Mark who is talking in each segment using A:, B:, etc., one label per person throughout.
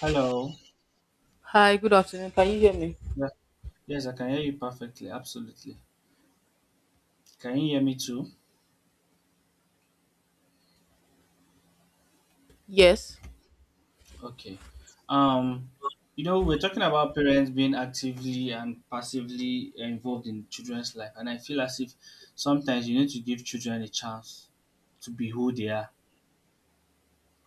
A: Hello.
B: Hi, good afternoon. Can you hear me?
A: Yeah. Yes, I can hear you perfectly. Absolutely. Can you hear me too?
B: Yes.
A: Okay. Um, we're talking about parents being actively and passively involved in children's life, and I feel as if sometimes you need to give children a chance to be who they are.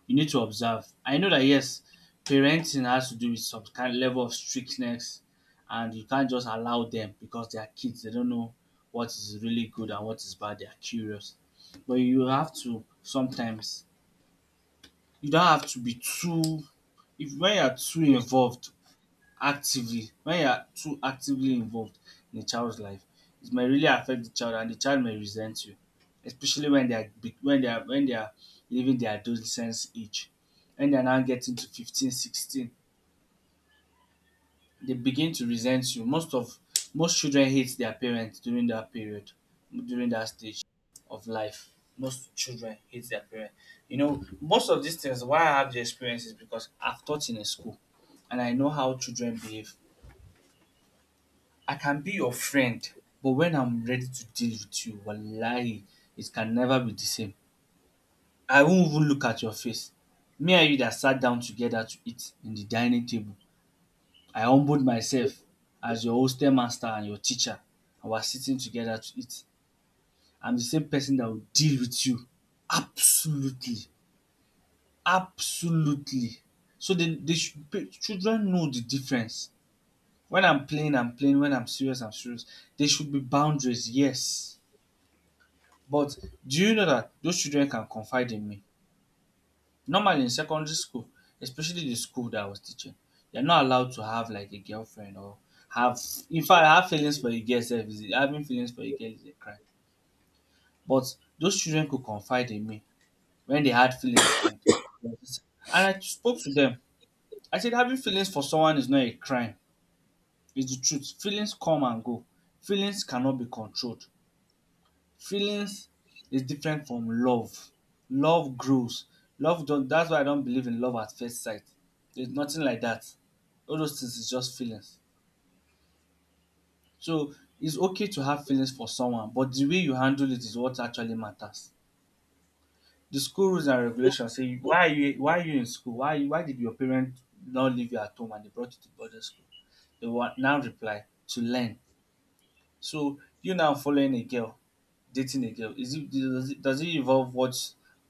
A: You need to observe. I know that, yes, parenting has to do with some kind level of strictness, and you can't just allow them because they are kids. They don't know what is really good and what is bad. They are curious, but you have to sometimes you don't have to be too. If when you are too involved, actively when you are too actively involved in a child's life, it may really affect the child and the child may resent you, especially when they are leaving their adolescence age, when they are now getting to 15, 16, they begin to resent you. Most children hate their parents during that period, during that stage of life. Most children hate their parents. You know, most of these things, why I have the experience, is because I've taught in a school, and I know how children behave. I can be your friend, but when I'm ready to deal with you, wallahi, it can never be the same. I won't even look at your face. Me and you that sat down together to eat in the dining table, I humbled myself as your hostel master and your teacher, I was sitting together to eat. I'm the same person that will deal with you. Absolutely, absolutely. So children know the difference. When I'm playing, I'm playing. When I'm serious, I'm serious. There should be boundaries, yes. But do you know that those children can confide in me? Normally in secondary school, especially the school that I was teaching, you're not allowed to have like a girlfriend or have, in fact, have feelings for a girl sef is a having feelings for a girl is a crime. But those children could confide in me when they had feelings, and I spoke to them. I said, having feelings for someone is not a crime. It's the truth. Feelings come and go. Feelings cannot be controlled. Feelings is different from love. Love grows. Love don't. That's why I don't believe in love at first sight. There's nothing like that. All those things is just feelings. So it's okay to have feelings for someone, but the way you handle it is what actually matters. The school rules and regulations say, why are you in school? Why did your parents not leave you at home and they brought you to boarding school? They will now reply, to learn. So you now following a girl, dating a girl, is it does it involve what,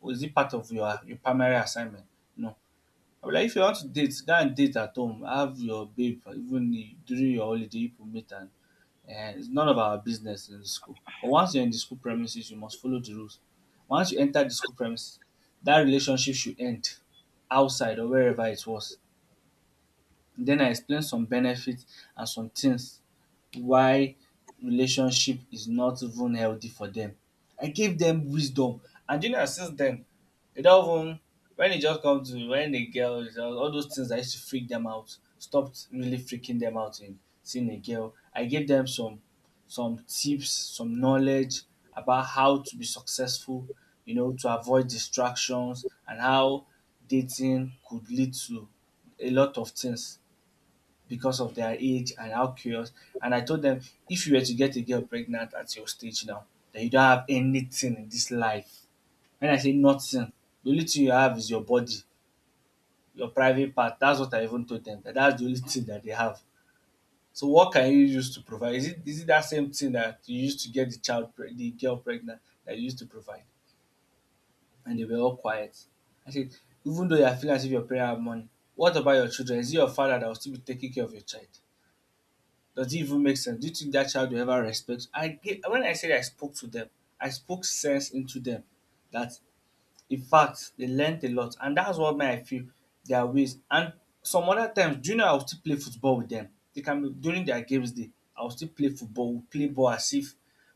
A: or is it part of your primary assignment? No. I'll be like, if you want to date, go and date at home. Have your babe, during your holiday you could meet, and it's none of our business in the school. But once you're in the school premises, you must follow the rules. Once you enter the school premises, that relationship should end, outside or wherever it was. Then I explain some benefits and some things why relationship is not even healthy for them. I gave them wisdom, and do you know that since then they don even when it just comes to when the girl all those things that used to freak them out stopped really freaking them out in seeing a girl. I gave them some tips, some knowledge about how to be successful, you know, to avoid distractions, and how dating could lead to a lot of things because of their age and how curious. And I told them, if you were to get a girl pregnant at your stage now, then you don't have anything in this life. When I say nothing, the only thing you have is your body, your private part. That's what I even told them. That's the only thing that they have. So what can you use to provide? Is it that same thing that you used to get the girl pregnant that you used to provide? And they were all quiet. I said, even though you are feeling as if your parents have money, what about your children? Is it your father that will still be taking care of your child? Does it even make sense? Do you think that child will ever respect? I gave when I said I spoke to them, I spoke sense into them, that, in fact, they learned a lot, and that's what made I feel their ways. And some other times, do you know I will still play football with them? They can be during their games day, I will still play football, we play ball as if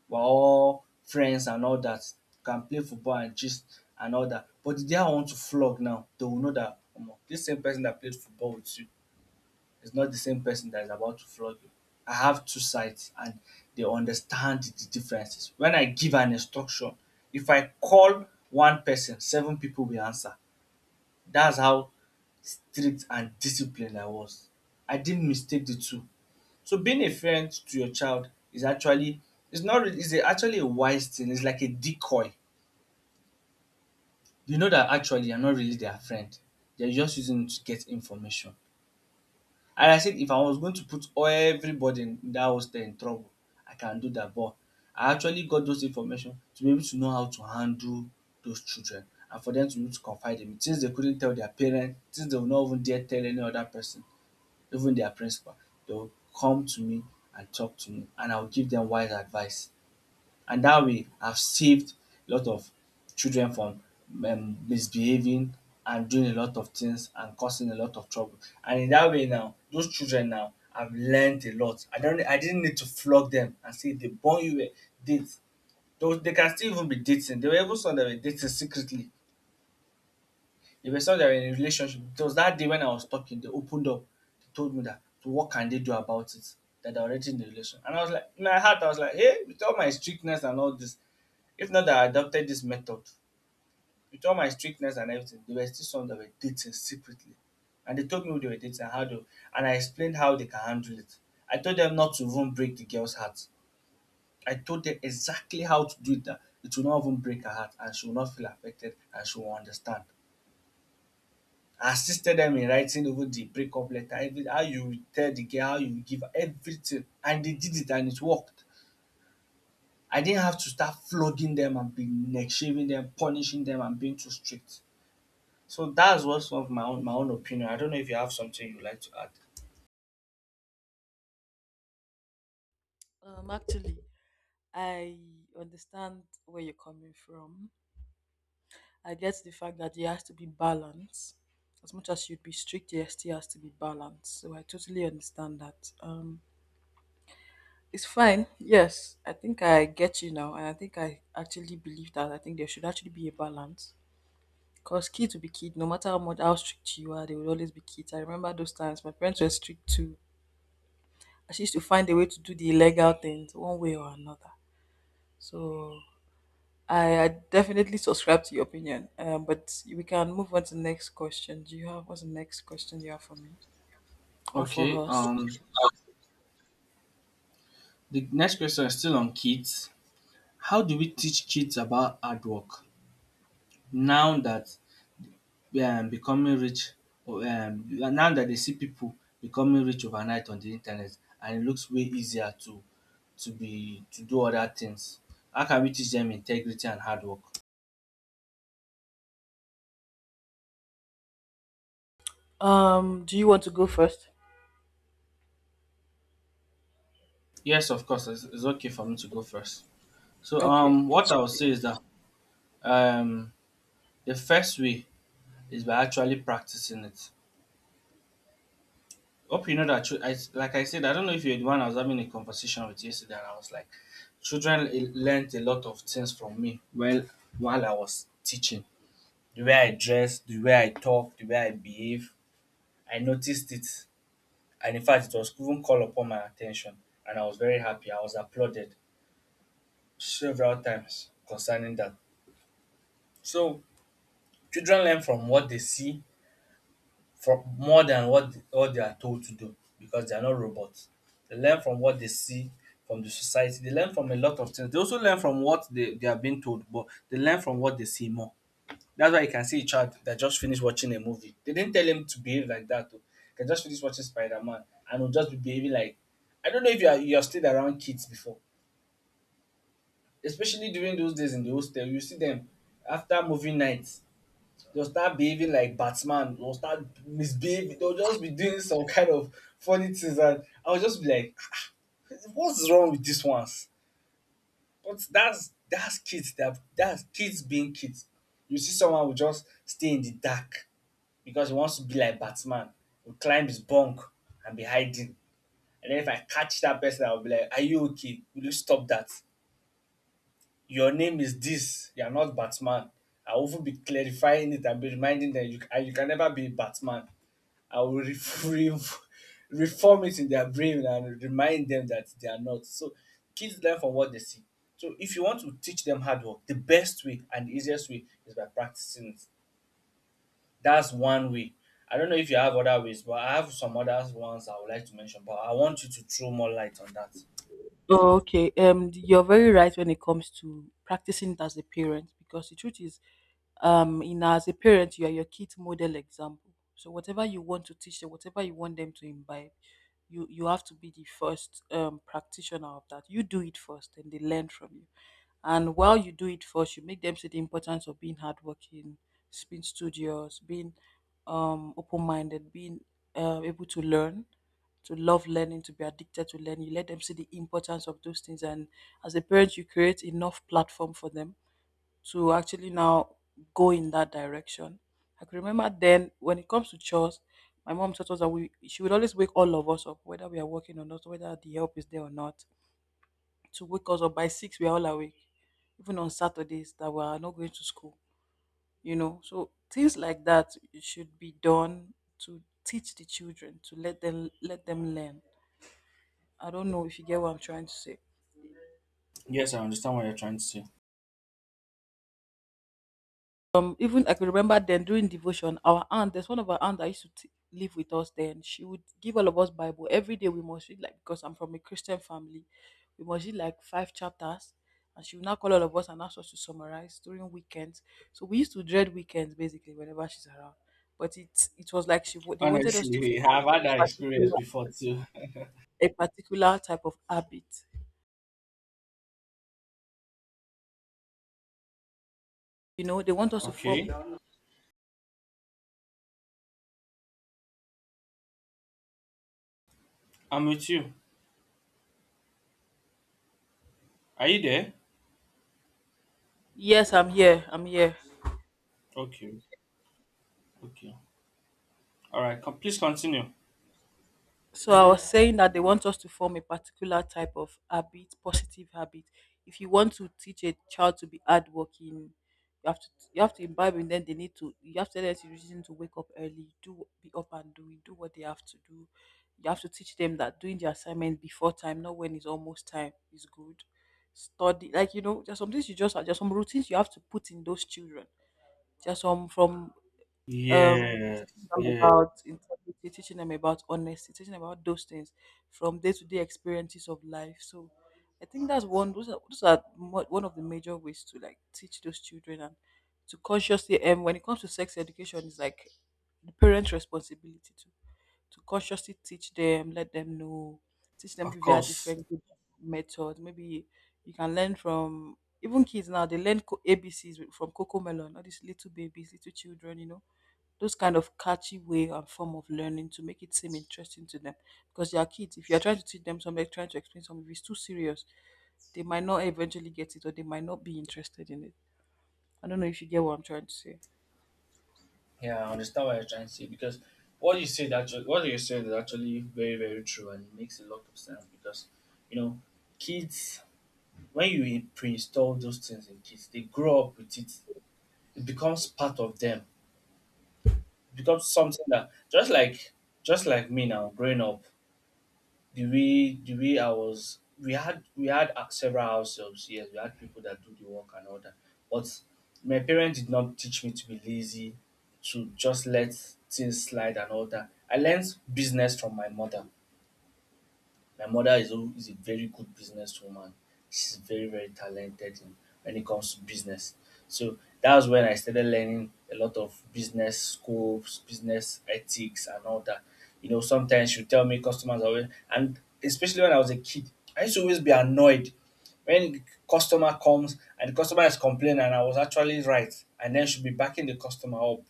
A: we're all friends and all that. Can play football and gist and all that. But the day I want to flog now, they will know that omo, this same person that played football with you it's not the same person that is about to flog you. I have two sides, and they understand the differences. When I give an instruction, if I call one person, seven people will answer. That's how strict and disciplined I was. I didn't mistake the two. So being a friend to your child is actually it's not really actually a wise thing. It's like a decoy. You know that actually you're not really their friend. They're just using it to get information. And I said if I was going to put everybody in that hostel in trouble, I can do that. But I actually got those information to be able to know how to handle those children, and for them to be able to confide in me. Things they couldn't tell their parents, things they would not even dare tell any other person, even their principal. They will come to me and talk to me, and I will give them wise advice, and that way I've saved a lot of children from misbehaving and doing a lot of things and causing a lot of trouble, and in that way now those children now have learned a lot. I didn't need to flog them and say they born you were date. Those they can still even be dating, there were even some that were dating secretly, there were some that were in a relationship. It was that day when I was talking they opened up, they told me that so what can they do about it, that they're already in the relation. And I was like, in my heart I was like, hey, with all my strictness and all this, if not that I adopted this method, with all my strictness and everything, there were still some that were dating secretly. And they told me who they were dating and how to. And I explained how they can handle it. I told them not to even break the girl's heart. I told them exactly how to do it that it will not even break her heart and she will not feel affected and she will understand. I assisted them in writing over the breakup letter, every how you will tell the girl, how you will give her everything. And they did it and it worked. I didn't have to start flogging them and being neck shaving them, punishing them and being too strict. So that's what's of my own opinion. I don't know if you have something you'd like to add.
B: Actually, I understand where you're coming from. I get the fact that there has to be balance. As much as you'd be strict, there still has to be balance. So I totally understand that. It's fine. Yes, I think I get you now, and I think I actually believe that. I think there should actually be a balance. Cause kids will be kids, no matter how strict you are, they will always be kids. I remember those times. My parents were strict too. I used to find a way to do the illegal things one way or another. So I definitely subscribe to your opinion. But we can move on to the next question. Do you have what's the next question you have for me or for
A: Okay,
B: us?
A: the next question is still on kids. How do we teach kids about hard work, now that we are becoming rich? Or, um, now that they see people becoming rich overnight on the internet, and it looks way easier to be to do other things. How can we teach them integrity and hard work?
B: Do you want to go first?
A: Yes, of course, it's okay for me to go first. So,
B: Okay, please.
A: what I would say is that um, the first way is by actually practicing it. Hope you know that, like I said, I don't know if you're the one I was having a conversation with yesterday, and I was like, learnt a lot of things from me while I was teaching. The way I dress, the way I talk, the way I behave, I noticed it. And in fact, it was even called upon my attention, and I was very happy. I was applauded several times concerning that. So, children learn from what they see, from more than what they are told to do, because they are not robots. They learn from what they see from the society. They learn from a lot of things. They also learn from what they are being told, but they learn from what they see more. That's why you can see a child that just finished watching a movie. They didn't tell him to behave like that. Though. He can just finish watching Spider Man and will just be behaving like I don't know if you have stayed around kids before, especially during those days in the hostel. You see them after movie nights. They'll start behaving like Batman. They'll start misbehaving. They'll just be doing some kind of funny things, and I'll just be like, "Ah, what's wrong with these ones?" But that's kids. That's kids being kids. You see, someone will just stay in the dark because he wants to be like Batman. Will climb his bunk and be hiding. And then if I catch that person, I'll be like, "Are you okay? Will you stop that? Your name is this. You are not Batman." I will even be clarifying it and be reminding them you can never be Batman. I will re- re- reform it in their brain and remind them that they are not. So kids learn from what they see. So if you want to teach them hard work, the best way and the easiest way is by practicing it. That's one way. I don't know if you have other ways, but I have some other ones I would like to mention. But I want you to throw more light on that.
B: Oh, okay. You're very right when it comes to practicing it as a parent, because the truth is, in as a parent, you are your kid's model example. So whatever you want to teach them, whatever you want them to imbibe, you have to be the first practitioner of that. You do it first, and they learn from you. And while you do it first, you make them see the importance of being hardworking, being studious, being open minded, being able to learn, to love learning, to be addicted to learning. You let them see the importance of those things. And as a parent, you create enough platform for them to actually now go in that direction. I can remember then when it comes to chores, my mom taught us that we she would always wake all of us up, whether we are working or not, whether the help is there or not, to wake us up by six. We are all awake, even on Saturdays that we are not going to school. You know, so things like that should be done to teach the children, to let them learn. I don't know if you get what I'm trying to say.
A: Yes, I understand what you're trying to say.
B: Even I could remember then during devotion, our aunt, there's one of our aunt that used to live with us then. She would give all of us Bible every day. We must read like because I'm from a Christian family, we must read like five chapters, and she would now call all of us and ask us to summarize during weekends. So we used to dread weekends basically whenever she's around. But it was like they wanted us to
A: Honestly,
B: form
A: I've had that
B: a
A: experience
B: particular,
A: before too.
B: a particular type of habit. You know, they want us to form.
A: Okay, I'm with you. Are you there?
B: Yes, I'm here. I'm here.
A: Okay, okay. All right, please continue.
B: So I was saying that they want us to form a particular type of habit, positive habit. If you want to teach a child to be hardworking, you have to you have to imbibe in them. They need to you have to tell them to reason, to wake up early, do be up and doing, do what they have to do. You have to teach them that doing the assignment before time, not when it's almost time, is good. Study like, there's some things, you just there's some routines you have to put in those children. There's some from um teaching
A: Yes,
B: them
A: yeah,
B: about integrity, teaching them about honesty, teaching them about those things from day-to-day experiences of life. So I think that's one those are mo- one of the major ways to like teach those children. And when it comes to sex education, it's like the parents responsibility to consciously teach them, let them know, teach them
A: of
B: via
A: course.
B: different good methods. Maybe you can learn from, even kids now, they learn abcs from coco melon. All these little babies, little children, those kind of catchy way and form of learning to make it seem interesting to them, because they are kids. If you are trying to teach them something, trying to explain something, if it's too serious, they might not eventually get it, or they might not be interested in it. I don't know if you get what I'm trying to say.
A: Yeah, I understand what you're trying to say because what you said actually, what you said is actually very, very true, and it makes a lot of sense because you know, kids, when you pre-install those things in kids, they grow up with it. It becomes part of them. It becomes something that just like me now growing up. The way I was, we had several house jobs. Yes, we had people that do the work and all that. But my parents did not teach me to be lazy, to just let things slide and all that. I learned business from my mother. My mother is a very good businesswoman. She's very, very talented in when it comes to business. So that was when I started learning a lot of business scopes, business ethics, and all that. You know, sometimes she'll tell me customers are always, and especially when I was a kid, I used to always be annoyed when customer comes and the customer is complaining, and I was actually right, and then she'll be backing the customer up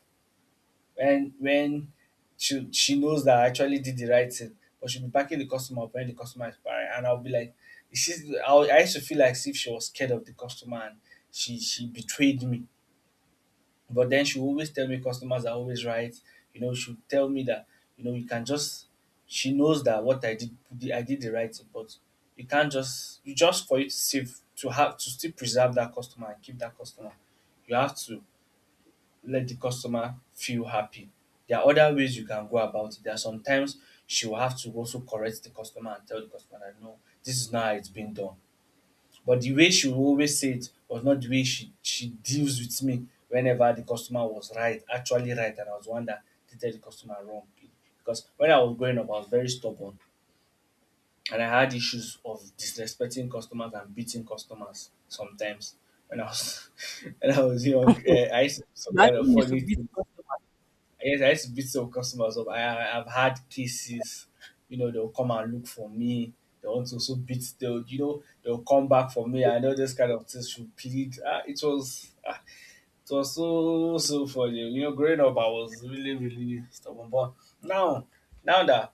A: when she knows that I actually did the right thing, but she'll be backing the customer up when the customer is buying, and I'll be like, she's. I used to feel like as if she was scared of the customer, and she betrayed me. But then she always tell me customers are always right. You know, she'll tell me that, you know, you can just. She knows that what I did the right thing, but you can't just you just for you to save to have to still preserve that customer and keep that customer. You have to let the customer feel happy. There are other ways you can go about it. There are sometimes she will have to also correct the customer and tell the customer that no, this is not how it's been done. But the way she will always say it was not the way she deals with me whenever the customer was right, actually right, and I was the one that treated the customer wrong. Because when I was growing up, I was very stubborn, and I had issues of disrespecting customers and beating customers sometimes. When I was when I was young, I used to do some
B: You
A: kind of
B: actually used to
A: funny
B: beat
A: things.
B: customers?
A: Yes, I used to beat some customers up. I've had cases, you know, they'll come and look for me. They want to also beat, they'll, you know, they'll come back for me. I know this kind of things should plead. Ah, it was so, so funny. You know, growing up, I was really, really stubborn. But now, now that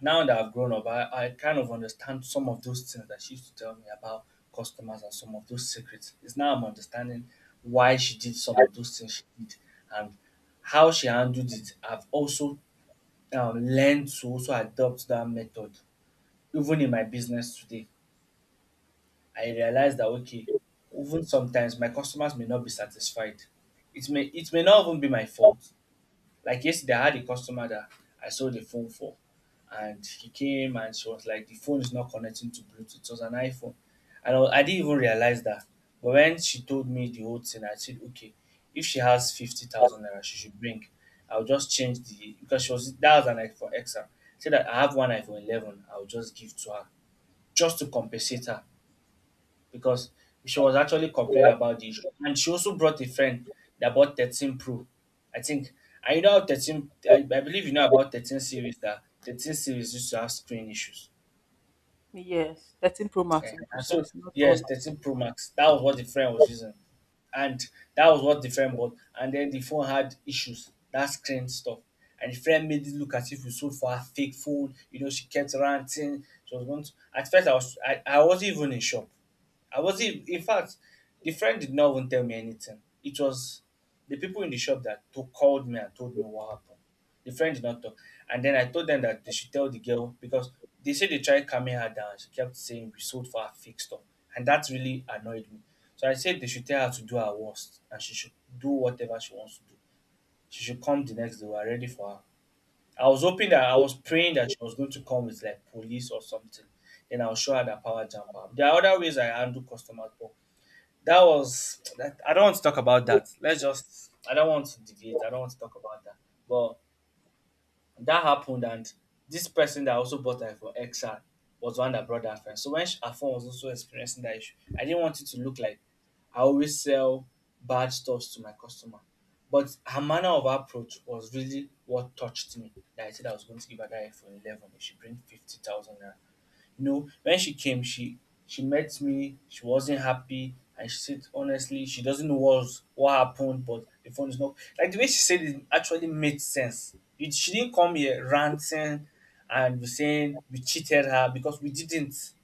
A: now that I've grown up, I kind of understand some of those things that she used to tell me about customers and some of those secrets. It's now I'm understanding why she did some of those things she did and how she handled it. I've also learned to also adopt that method. Even in my business today, I realized that okay, even sometimes my customers may not be satisfied. It may not even be my fault. Like yesterday, I had a customer that I sold the phone for, and he came and she was like, the phone is not connecting to Bluetooth. It was an iPhone. And I didn't even realize that. But when she told me the whole thing, I said, okay, if she has 50,000 naira, she should bring. I'll just change the, because she was, that was an iPhone XR. Said that I have one iPhone 11, I'll just give to her just to compensate her because she was actually complaining about the issue. And she also brought a friend that bought 13 Pro, I think. And you know how 13, I believe you know about 13 series, that 13 series used to have screen issues.
B: Yes, 13 Pro Max,
A: Yeah.
B: to be
A: And so
B: precise, not all.
A: yes, 13 Pro Max. That was what the friend was using. And that was what the friend bought. And then the phone had issues. That screen stuff. And the friend made it look as if we sold for a fake phone. You know, she kept ranting. She was going to at first I was I wasn't even in shop. I wasn't in fact, the friend did not even tell me anything. It was the people in the shop that called me and told me what happened the French doctor. And then I told them that they should tell the girl because they said they tried calming her down. She kept saying we sold for her fake stuff. And that really annoyed me. So I said they should tell her to do her worst, and she should do whatever she wants to do. She should come the next day. We're ready for her. I was hoping that I was praying that she was going to come with like police or something. Then I'll show her the power jump up. There are other ways I handle customers, but that was that I don't want to talk about that. Let's just I don't want to deviate. I don't want to talk about that. But that happened, and this person that also bought her for XR was the one that brought that friend. So when she, her phone was also experiencing that issue, I didn't want it to look like I always sell bad stuffs to my customer. But her manner of approach was really what touched me. That I said I was going to give her that iPhone 11 if she brings 50,000 naira. You know, when she came, she met me. She wasn't happy, and she said honestly, she doesn't know what's what happened, but the phone is not like the way she said it actually made sense. It, she didn't come here ranting and be saying we cheated her because we didn't.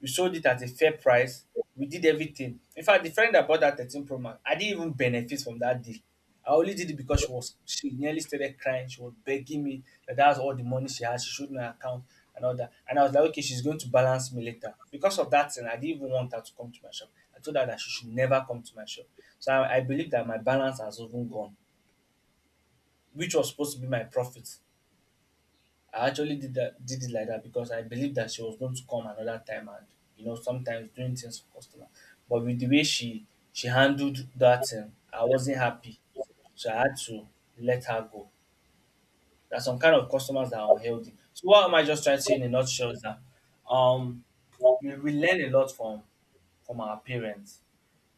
A: We sold it at a fair price. We did everything. In fact, the friend that bought that 13 Pro Max, I didn't even benefit from that deal. I only did it because she was she nearly started crying. She was begging me that that's all the money she has. She showed me her account and all that. And I was like, okay, she's going to balance me later. Because of that thing, I didn't even want her to come to my shop. I told her that she should never come to my shop. So I believe that my balance has even gone, which was supposed to be my profit. I actually did it like that because I believed that she was going to come another time, and you know sometimes doing things for customer. But with the way she handled that thing, I wasn't happy. So I had to let her go. There are some kind of customers that are unhealthy. So what am I just trying to say in a nutshell is that um we learn a lot from our parents,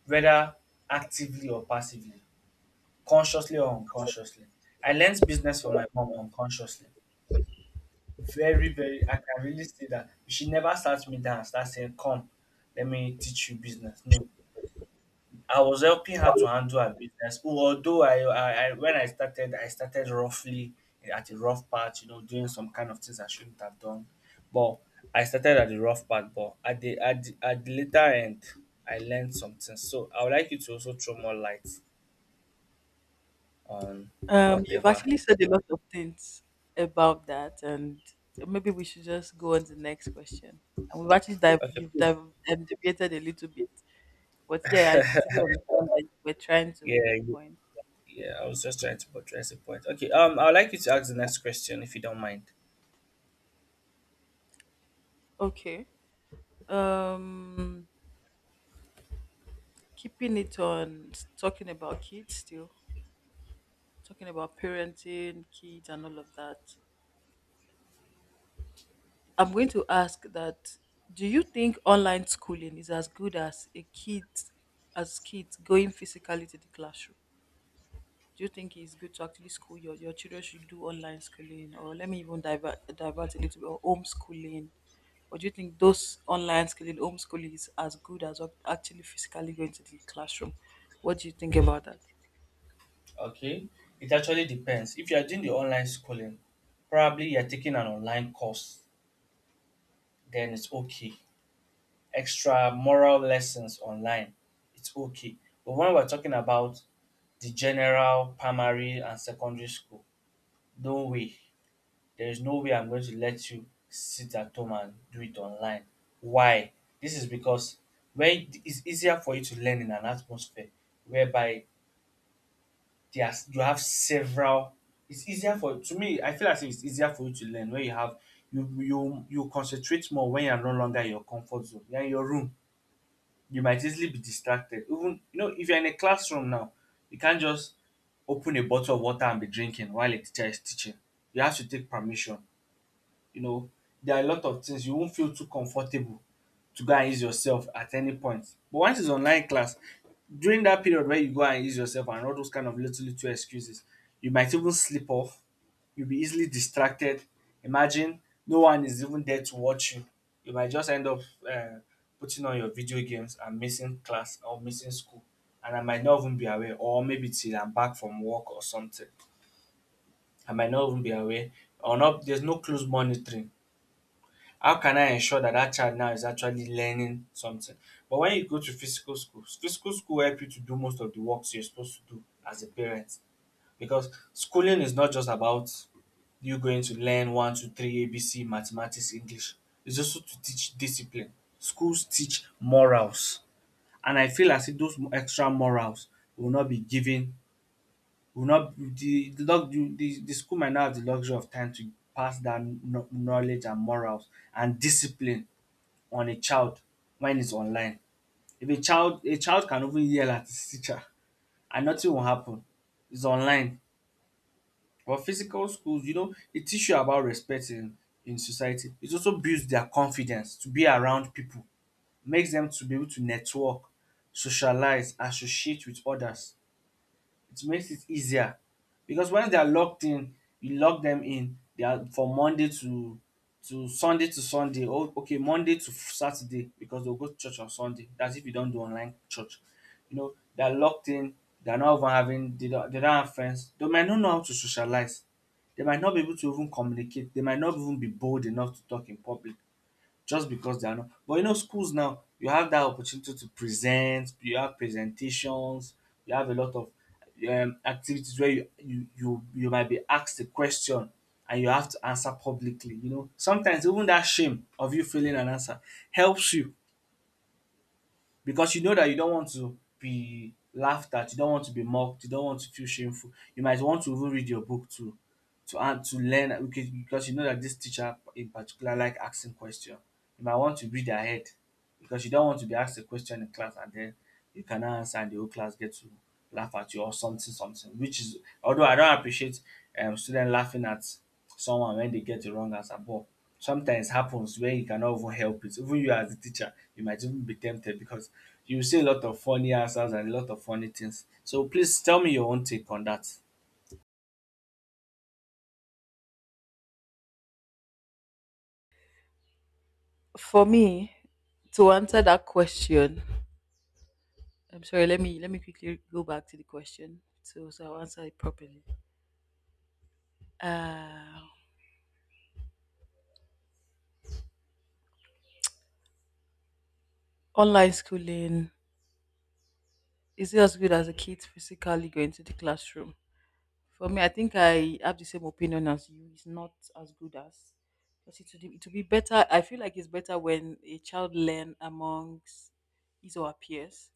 A: whether actively or passively, consciously or unconsciously. I learned business from my mom unconsciously. Very, very. I can really say that you should never start me down and start saying, come, let me teach you business. No. I was helping her to handle her business. Although I when I started roughly at a rough part, you know, doing some kind of things I shouldn't have done. But I started at the rough part, but at at the later end, I learned something. So I would like you to also throw more light on
B: You've
A: whatever.
B: actually said a lot of things about that, and maybe we should just go on to the next question. And we've actually dive,
A: Okay,
B: you've
A: please.
B: dive, debated a little bit. But yeah, I totally understand that you were trying to make
A: Yeah,
B: a point.
A: yeah, I was just trying to portray a point. Okay, I'd like you to ask the next question if you don't mind.
B: Okay. Um keeping it on, talking about kids still, talking about parenting, kids and all of that. I'm going to ask that, do you think online schooling is as good as kids going physically to the classroom? Do you think it's good to actually school your children, should do online schooling? Or let me even divert a little bit, or homeschooling. Or do you think those online schooling, homeschooling is as good as of actually physically going to the classroom? What do you think about that?
A: Okay, it actually depends. If you are doing the online schooling, probably you're taking an online course, then it's okay. Extra moral lessons online, it's okay. But when we're talking about the general primary and secondary school, don't we? There is no way I'm going to let you sit at home and do it online. Why? This is because when it's easier for you to learn in an atmosphere whereby there's you have several it's easier for to me I feel as if it's easier for you to learn where you have you concentrate more when you're no longer in your comfort zone. You're in your room, you might easily be distracted. Even you know, if you're in a classroom now, you can't just open a bottle of water and be drinking while a teacher is teaching. You have to take permission you know, there are a lot of things you won't feel too comfortable to go and use yourself at any point. But once it's online class, during that period where you go and use yourself and all those kind of little little excuses, you might even slip off. You'll be easily distracted. Imagine no one is even there to watch you. You might just end up uh, putting on your video games and missing class or missing school. And I might not even be aware, or maybe till I'm back from work or something. I might not even be aware, or not. There's no close monitoring how can I ensure that that child now is actually learning something? But when you go to physical school help you to do most of the works you're supposed to do as a parent because schooling is not just about you going to learn one, two, three, ABC, mathematics, English. It's also to teach discipline. Schools teach morals, and I feel as if those extra morals will not be given, will not the school might not have the luxury of time to pass knowledge and morals and discipline on a child when it's online. If a child can even yell at his teacher and nothing will happen. It's online. But physical schools, you know, it teach you about respect in society. It also builds their confidence to be around people, makes them to be able to network, socialize, associate with others it makes it easier because when they are locked in, you lock them in. They are from Monday to Sunday. Oh, okay, Monday to Saturday because they'll go to church on Sunday. That's if you don't do online church. You know, they are locked in. They are not even having. They don't have friends. They might not know how to socialize. They might not be able to even communicate. They might not even be bold enough to talk in public just because they are not. But you know, schools now, you have that opportunity to present, you have presentations, you have a lot of activities where you might be asked a question and you have to answer publicly. You know, sometimes even that shame of you failing an answer helps you because you know that you don't want to be laughed at, you don't want to be mocked, you don't want to feel shameful. You might want to even read your book too to and to learn okay because you know that this teacher in particular like asking question. You might want to read ahead because you don't want to be asked a question in class and then you cannot answer and the whole class get to laugh at you or something something which is although I don't appreciate student laughing at someone when they get the wrong answer but sometimes happens where you cannot even help it. Even you as a teacher you might even be tempted because you see a lot of funny answers and a lot of funny things. So please tell me your own take on that.
B: For me, to answer that question, I'm sorry, let me quickly go back to the question, so I'll answer it properly. Uh online schooling, is it as good as a kid physically going to the classroom? For me, I think I have the same opinion as you. It's not as good as, because it would be better. I feel like it's better when a child learn amongst his or her peers.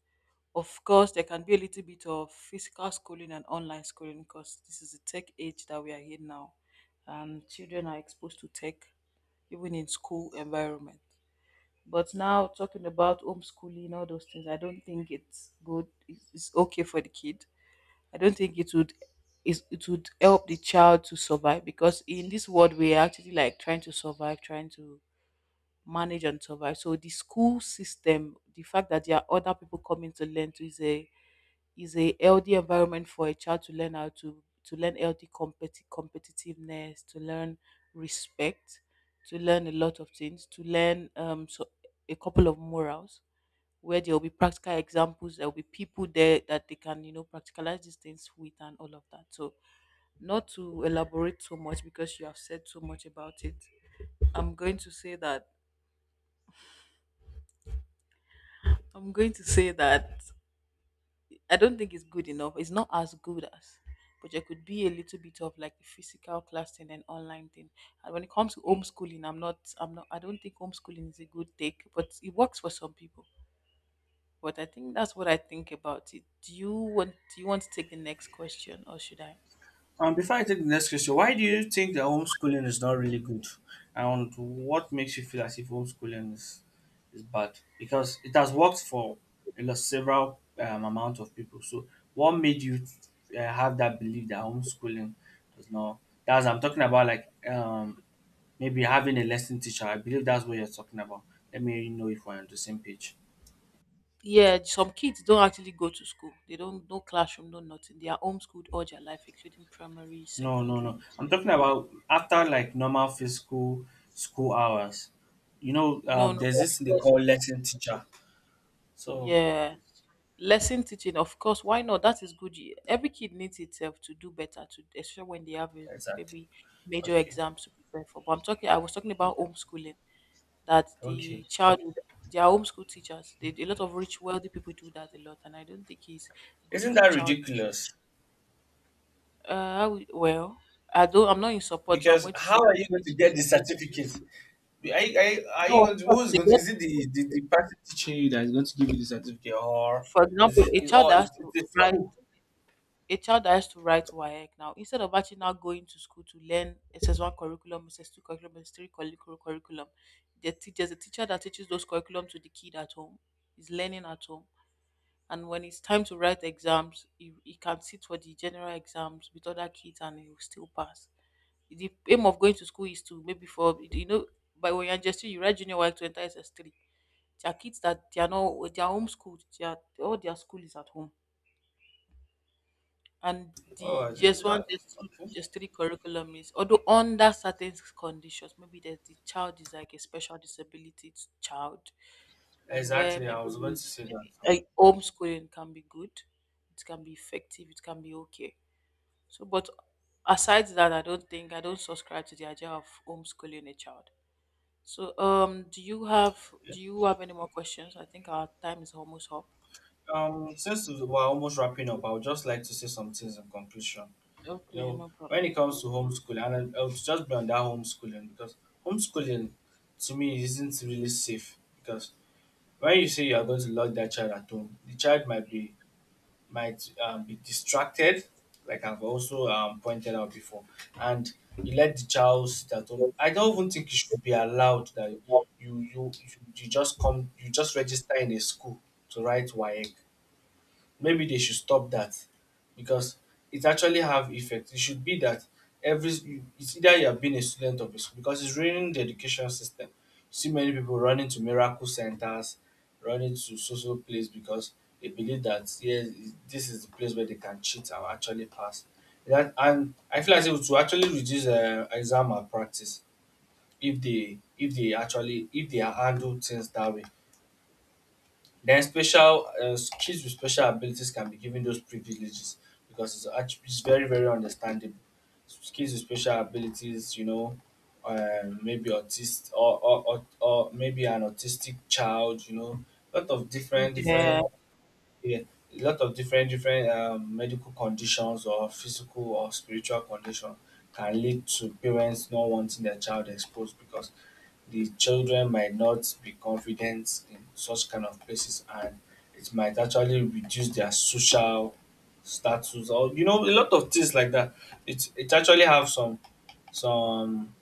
B: Of course, there can be a little bit of physical schooling and online schooling, because this is the tech age that we are in now, and children are exposed to tech even in school environment. But now talking about homeschooling, all those things, I don't think it's good. It's okay for the kid. I don't think it would help the child to survive, because in this world we are actually like trying to survive, trying to manage and survive. So the school system, the fact that there are other people coming to learn to, is a healthy environment for a child, to learn how to learn healthy competitiveness, to learn respect, to learn a lot of things, to learn so a couple of morals where there will be practical examples, there will be people there that they can, practicalize these things with, and all of that. So, not to elaborate so much because you have said so much about it, I'm going to say that I'm going to say that I don't think it's good enough. It's not as good as, but there could be a little bit of like the physical class thing and online thing. And when it comes to homeschooling, I don't think homeschooling is a good take, but it works for some people. But I think that's what I think about it. Do you want to take the next question, or should I?
A: Before I take the next question, why do you think that homeschooling is not really good? And what makes you feel as if is bad? Because it has worked for a lot, several amount of people. So what made you have that belief that homeschooling does not? That's I'm talking about like maybe having a lesson teacher. I believe that's what you're talking about. Let me know if we're on the same page.
B: Yeah, some kids don't actually go to school. They don't, no classroom, no nothing. They are homeschooled all their life, including primary,
A: No, no,
B: secondary.
A: no. I'm talking about after like normal physical school hours. You know,
B: No, no,
A: there's
B: no,
A: this thing
B: of
A: they
B: course.
A: call lesson teacher. So
B: Yeah. Lesson teaching, of course. Why not? That is good. Every kid needs itself to do better, to especially when they have a
A: exactly.
B: maybe major
A: Okay.
B: exams to prepare for. But I was talking about
A: Yeah.
B: homeschooling. That
A: Okay.
B: the child their homeschool teachers, a lot of rich wealthy people do that a lot, and I don't think it's good
A: Isn't
B: for the
A: that
B: child.
A: ridiculous?
B: Well, I'm not in support, so I'm
A: Because
B: going to
A: how
B: say
A: are you going to get the certificate? Are you, are you, are
B: no.
A: you
B: Of
A: going to,
B: course,
A: who's
B: they
A: going to,
B: get,
A: is it the person teaching you that is going to give you the certificate or
B: for
A: is
B: example, a child that has
A: it's
B: to
A: the
B: write
A: school?
B: a child that has to write WAEC now, instead of actually now going to school to learn SS1 curriculum, SS2 curriculum, SS3 curriculum, the teacher that teaches those curriculum to the kid at home is learning at home. And when it's time to write exams, he can sit for the general exams with other kids, and he will still pass. The aim of going to school is to, maybe for, by when you're just SS, you write junior work to enter SS3. There are kids that they are not, they are homeschooled. They are, all their school is at home. And
A: Oh,
B: the
A: is it-
B: GS1 GS2
A: okay.
B: GS3 curriculum is, although under certain conditions, maybe that the child is like a special disability child, and where
A: Exactly. I
B: maybe
A: was going to say that.
B: like homeschooling can be good, it can be effective, it can be okay. So, but aside that, I don't subscribe to the idea of homeschooling a child. So, do you have any more questions? I think our time is almost up.
A: Since we're almost wrapping up, I would just like to say some things in conclusion. You
B: Okay,
A: know,
B: no
A: when
B: problem.
A: it comes to homeschooling, and I'll just be on that homeschooling because homeschooling to me isn't really safe because when you say you are going to lock that child at home, the child might be distracted, like I've also pointed out before, and you let the child sit at home. I don't even think it should be allowed that you you, you just come you just register in a school to write WAEC maybe they should stop that because it actually have effect. It should be that every you- it's either you have been a student of a school because it's ruining the education system. You see many people running to miracle centers, running to social place because they believe that yes, this is the place where they can cheat and actually pass. That and I feel as if to actually reduce exam malpractice if they actually if they handle things that way. Then special kids with special abilities can be given those privileges because it's actually it's very very understandable. S- Kids with special abilities, you know, maybe autistic or maybe an autistic child, you know, lot of different
B: Yeah.
A: different yeah, lot of different different medical conditions or physical or spiritual condition can lead to parents not wanting their child exposed because the children might not be confident in such kind of places and it might actually reduce their social status or you know a lot of things like that it actually have some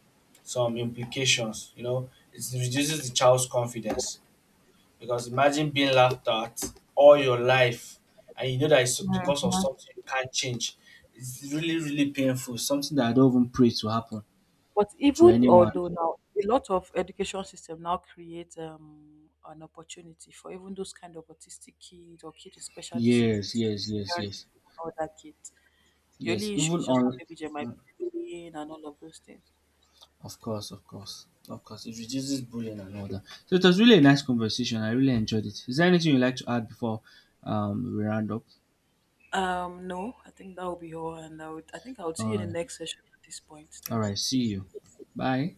A: some implications you know it reduces the child's confidence because imagine being laughed at all your life and you know that it's because of something you can't change it's really really painful something that happen.
B: But even although now a lot of education system now create an opportunity for even those kind of autistic kids or kids with special
A: Yes,
B: disabilities,
A: yes, yes,
B: parent
A: yes,
B: even other kids. The
A: yes.
B: only issue
A: Even
B: is just that
A: on
B: maybe they might be bullying and all of those things.
A: of course, of course, of course. It reduces bullying and all that. So it was really a nice conversation. I really enjoyed it. Is there anything you'd like to add before we round up?
B: No, I think that will be all, and I think I will see
A: All
B: you in
A: right.
B: the next session at this point.
A: All
B: Thank
A: right.
B: you.
A: See you. Bye.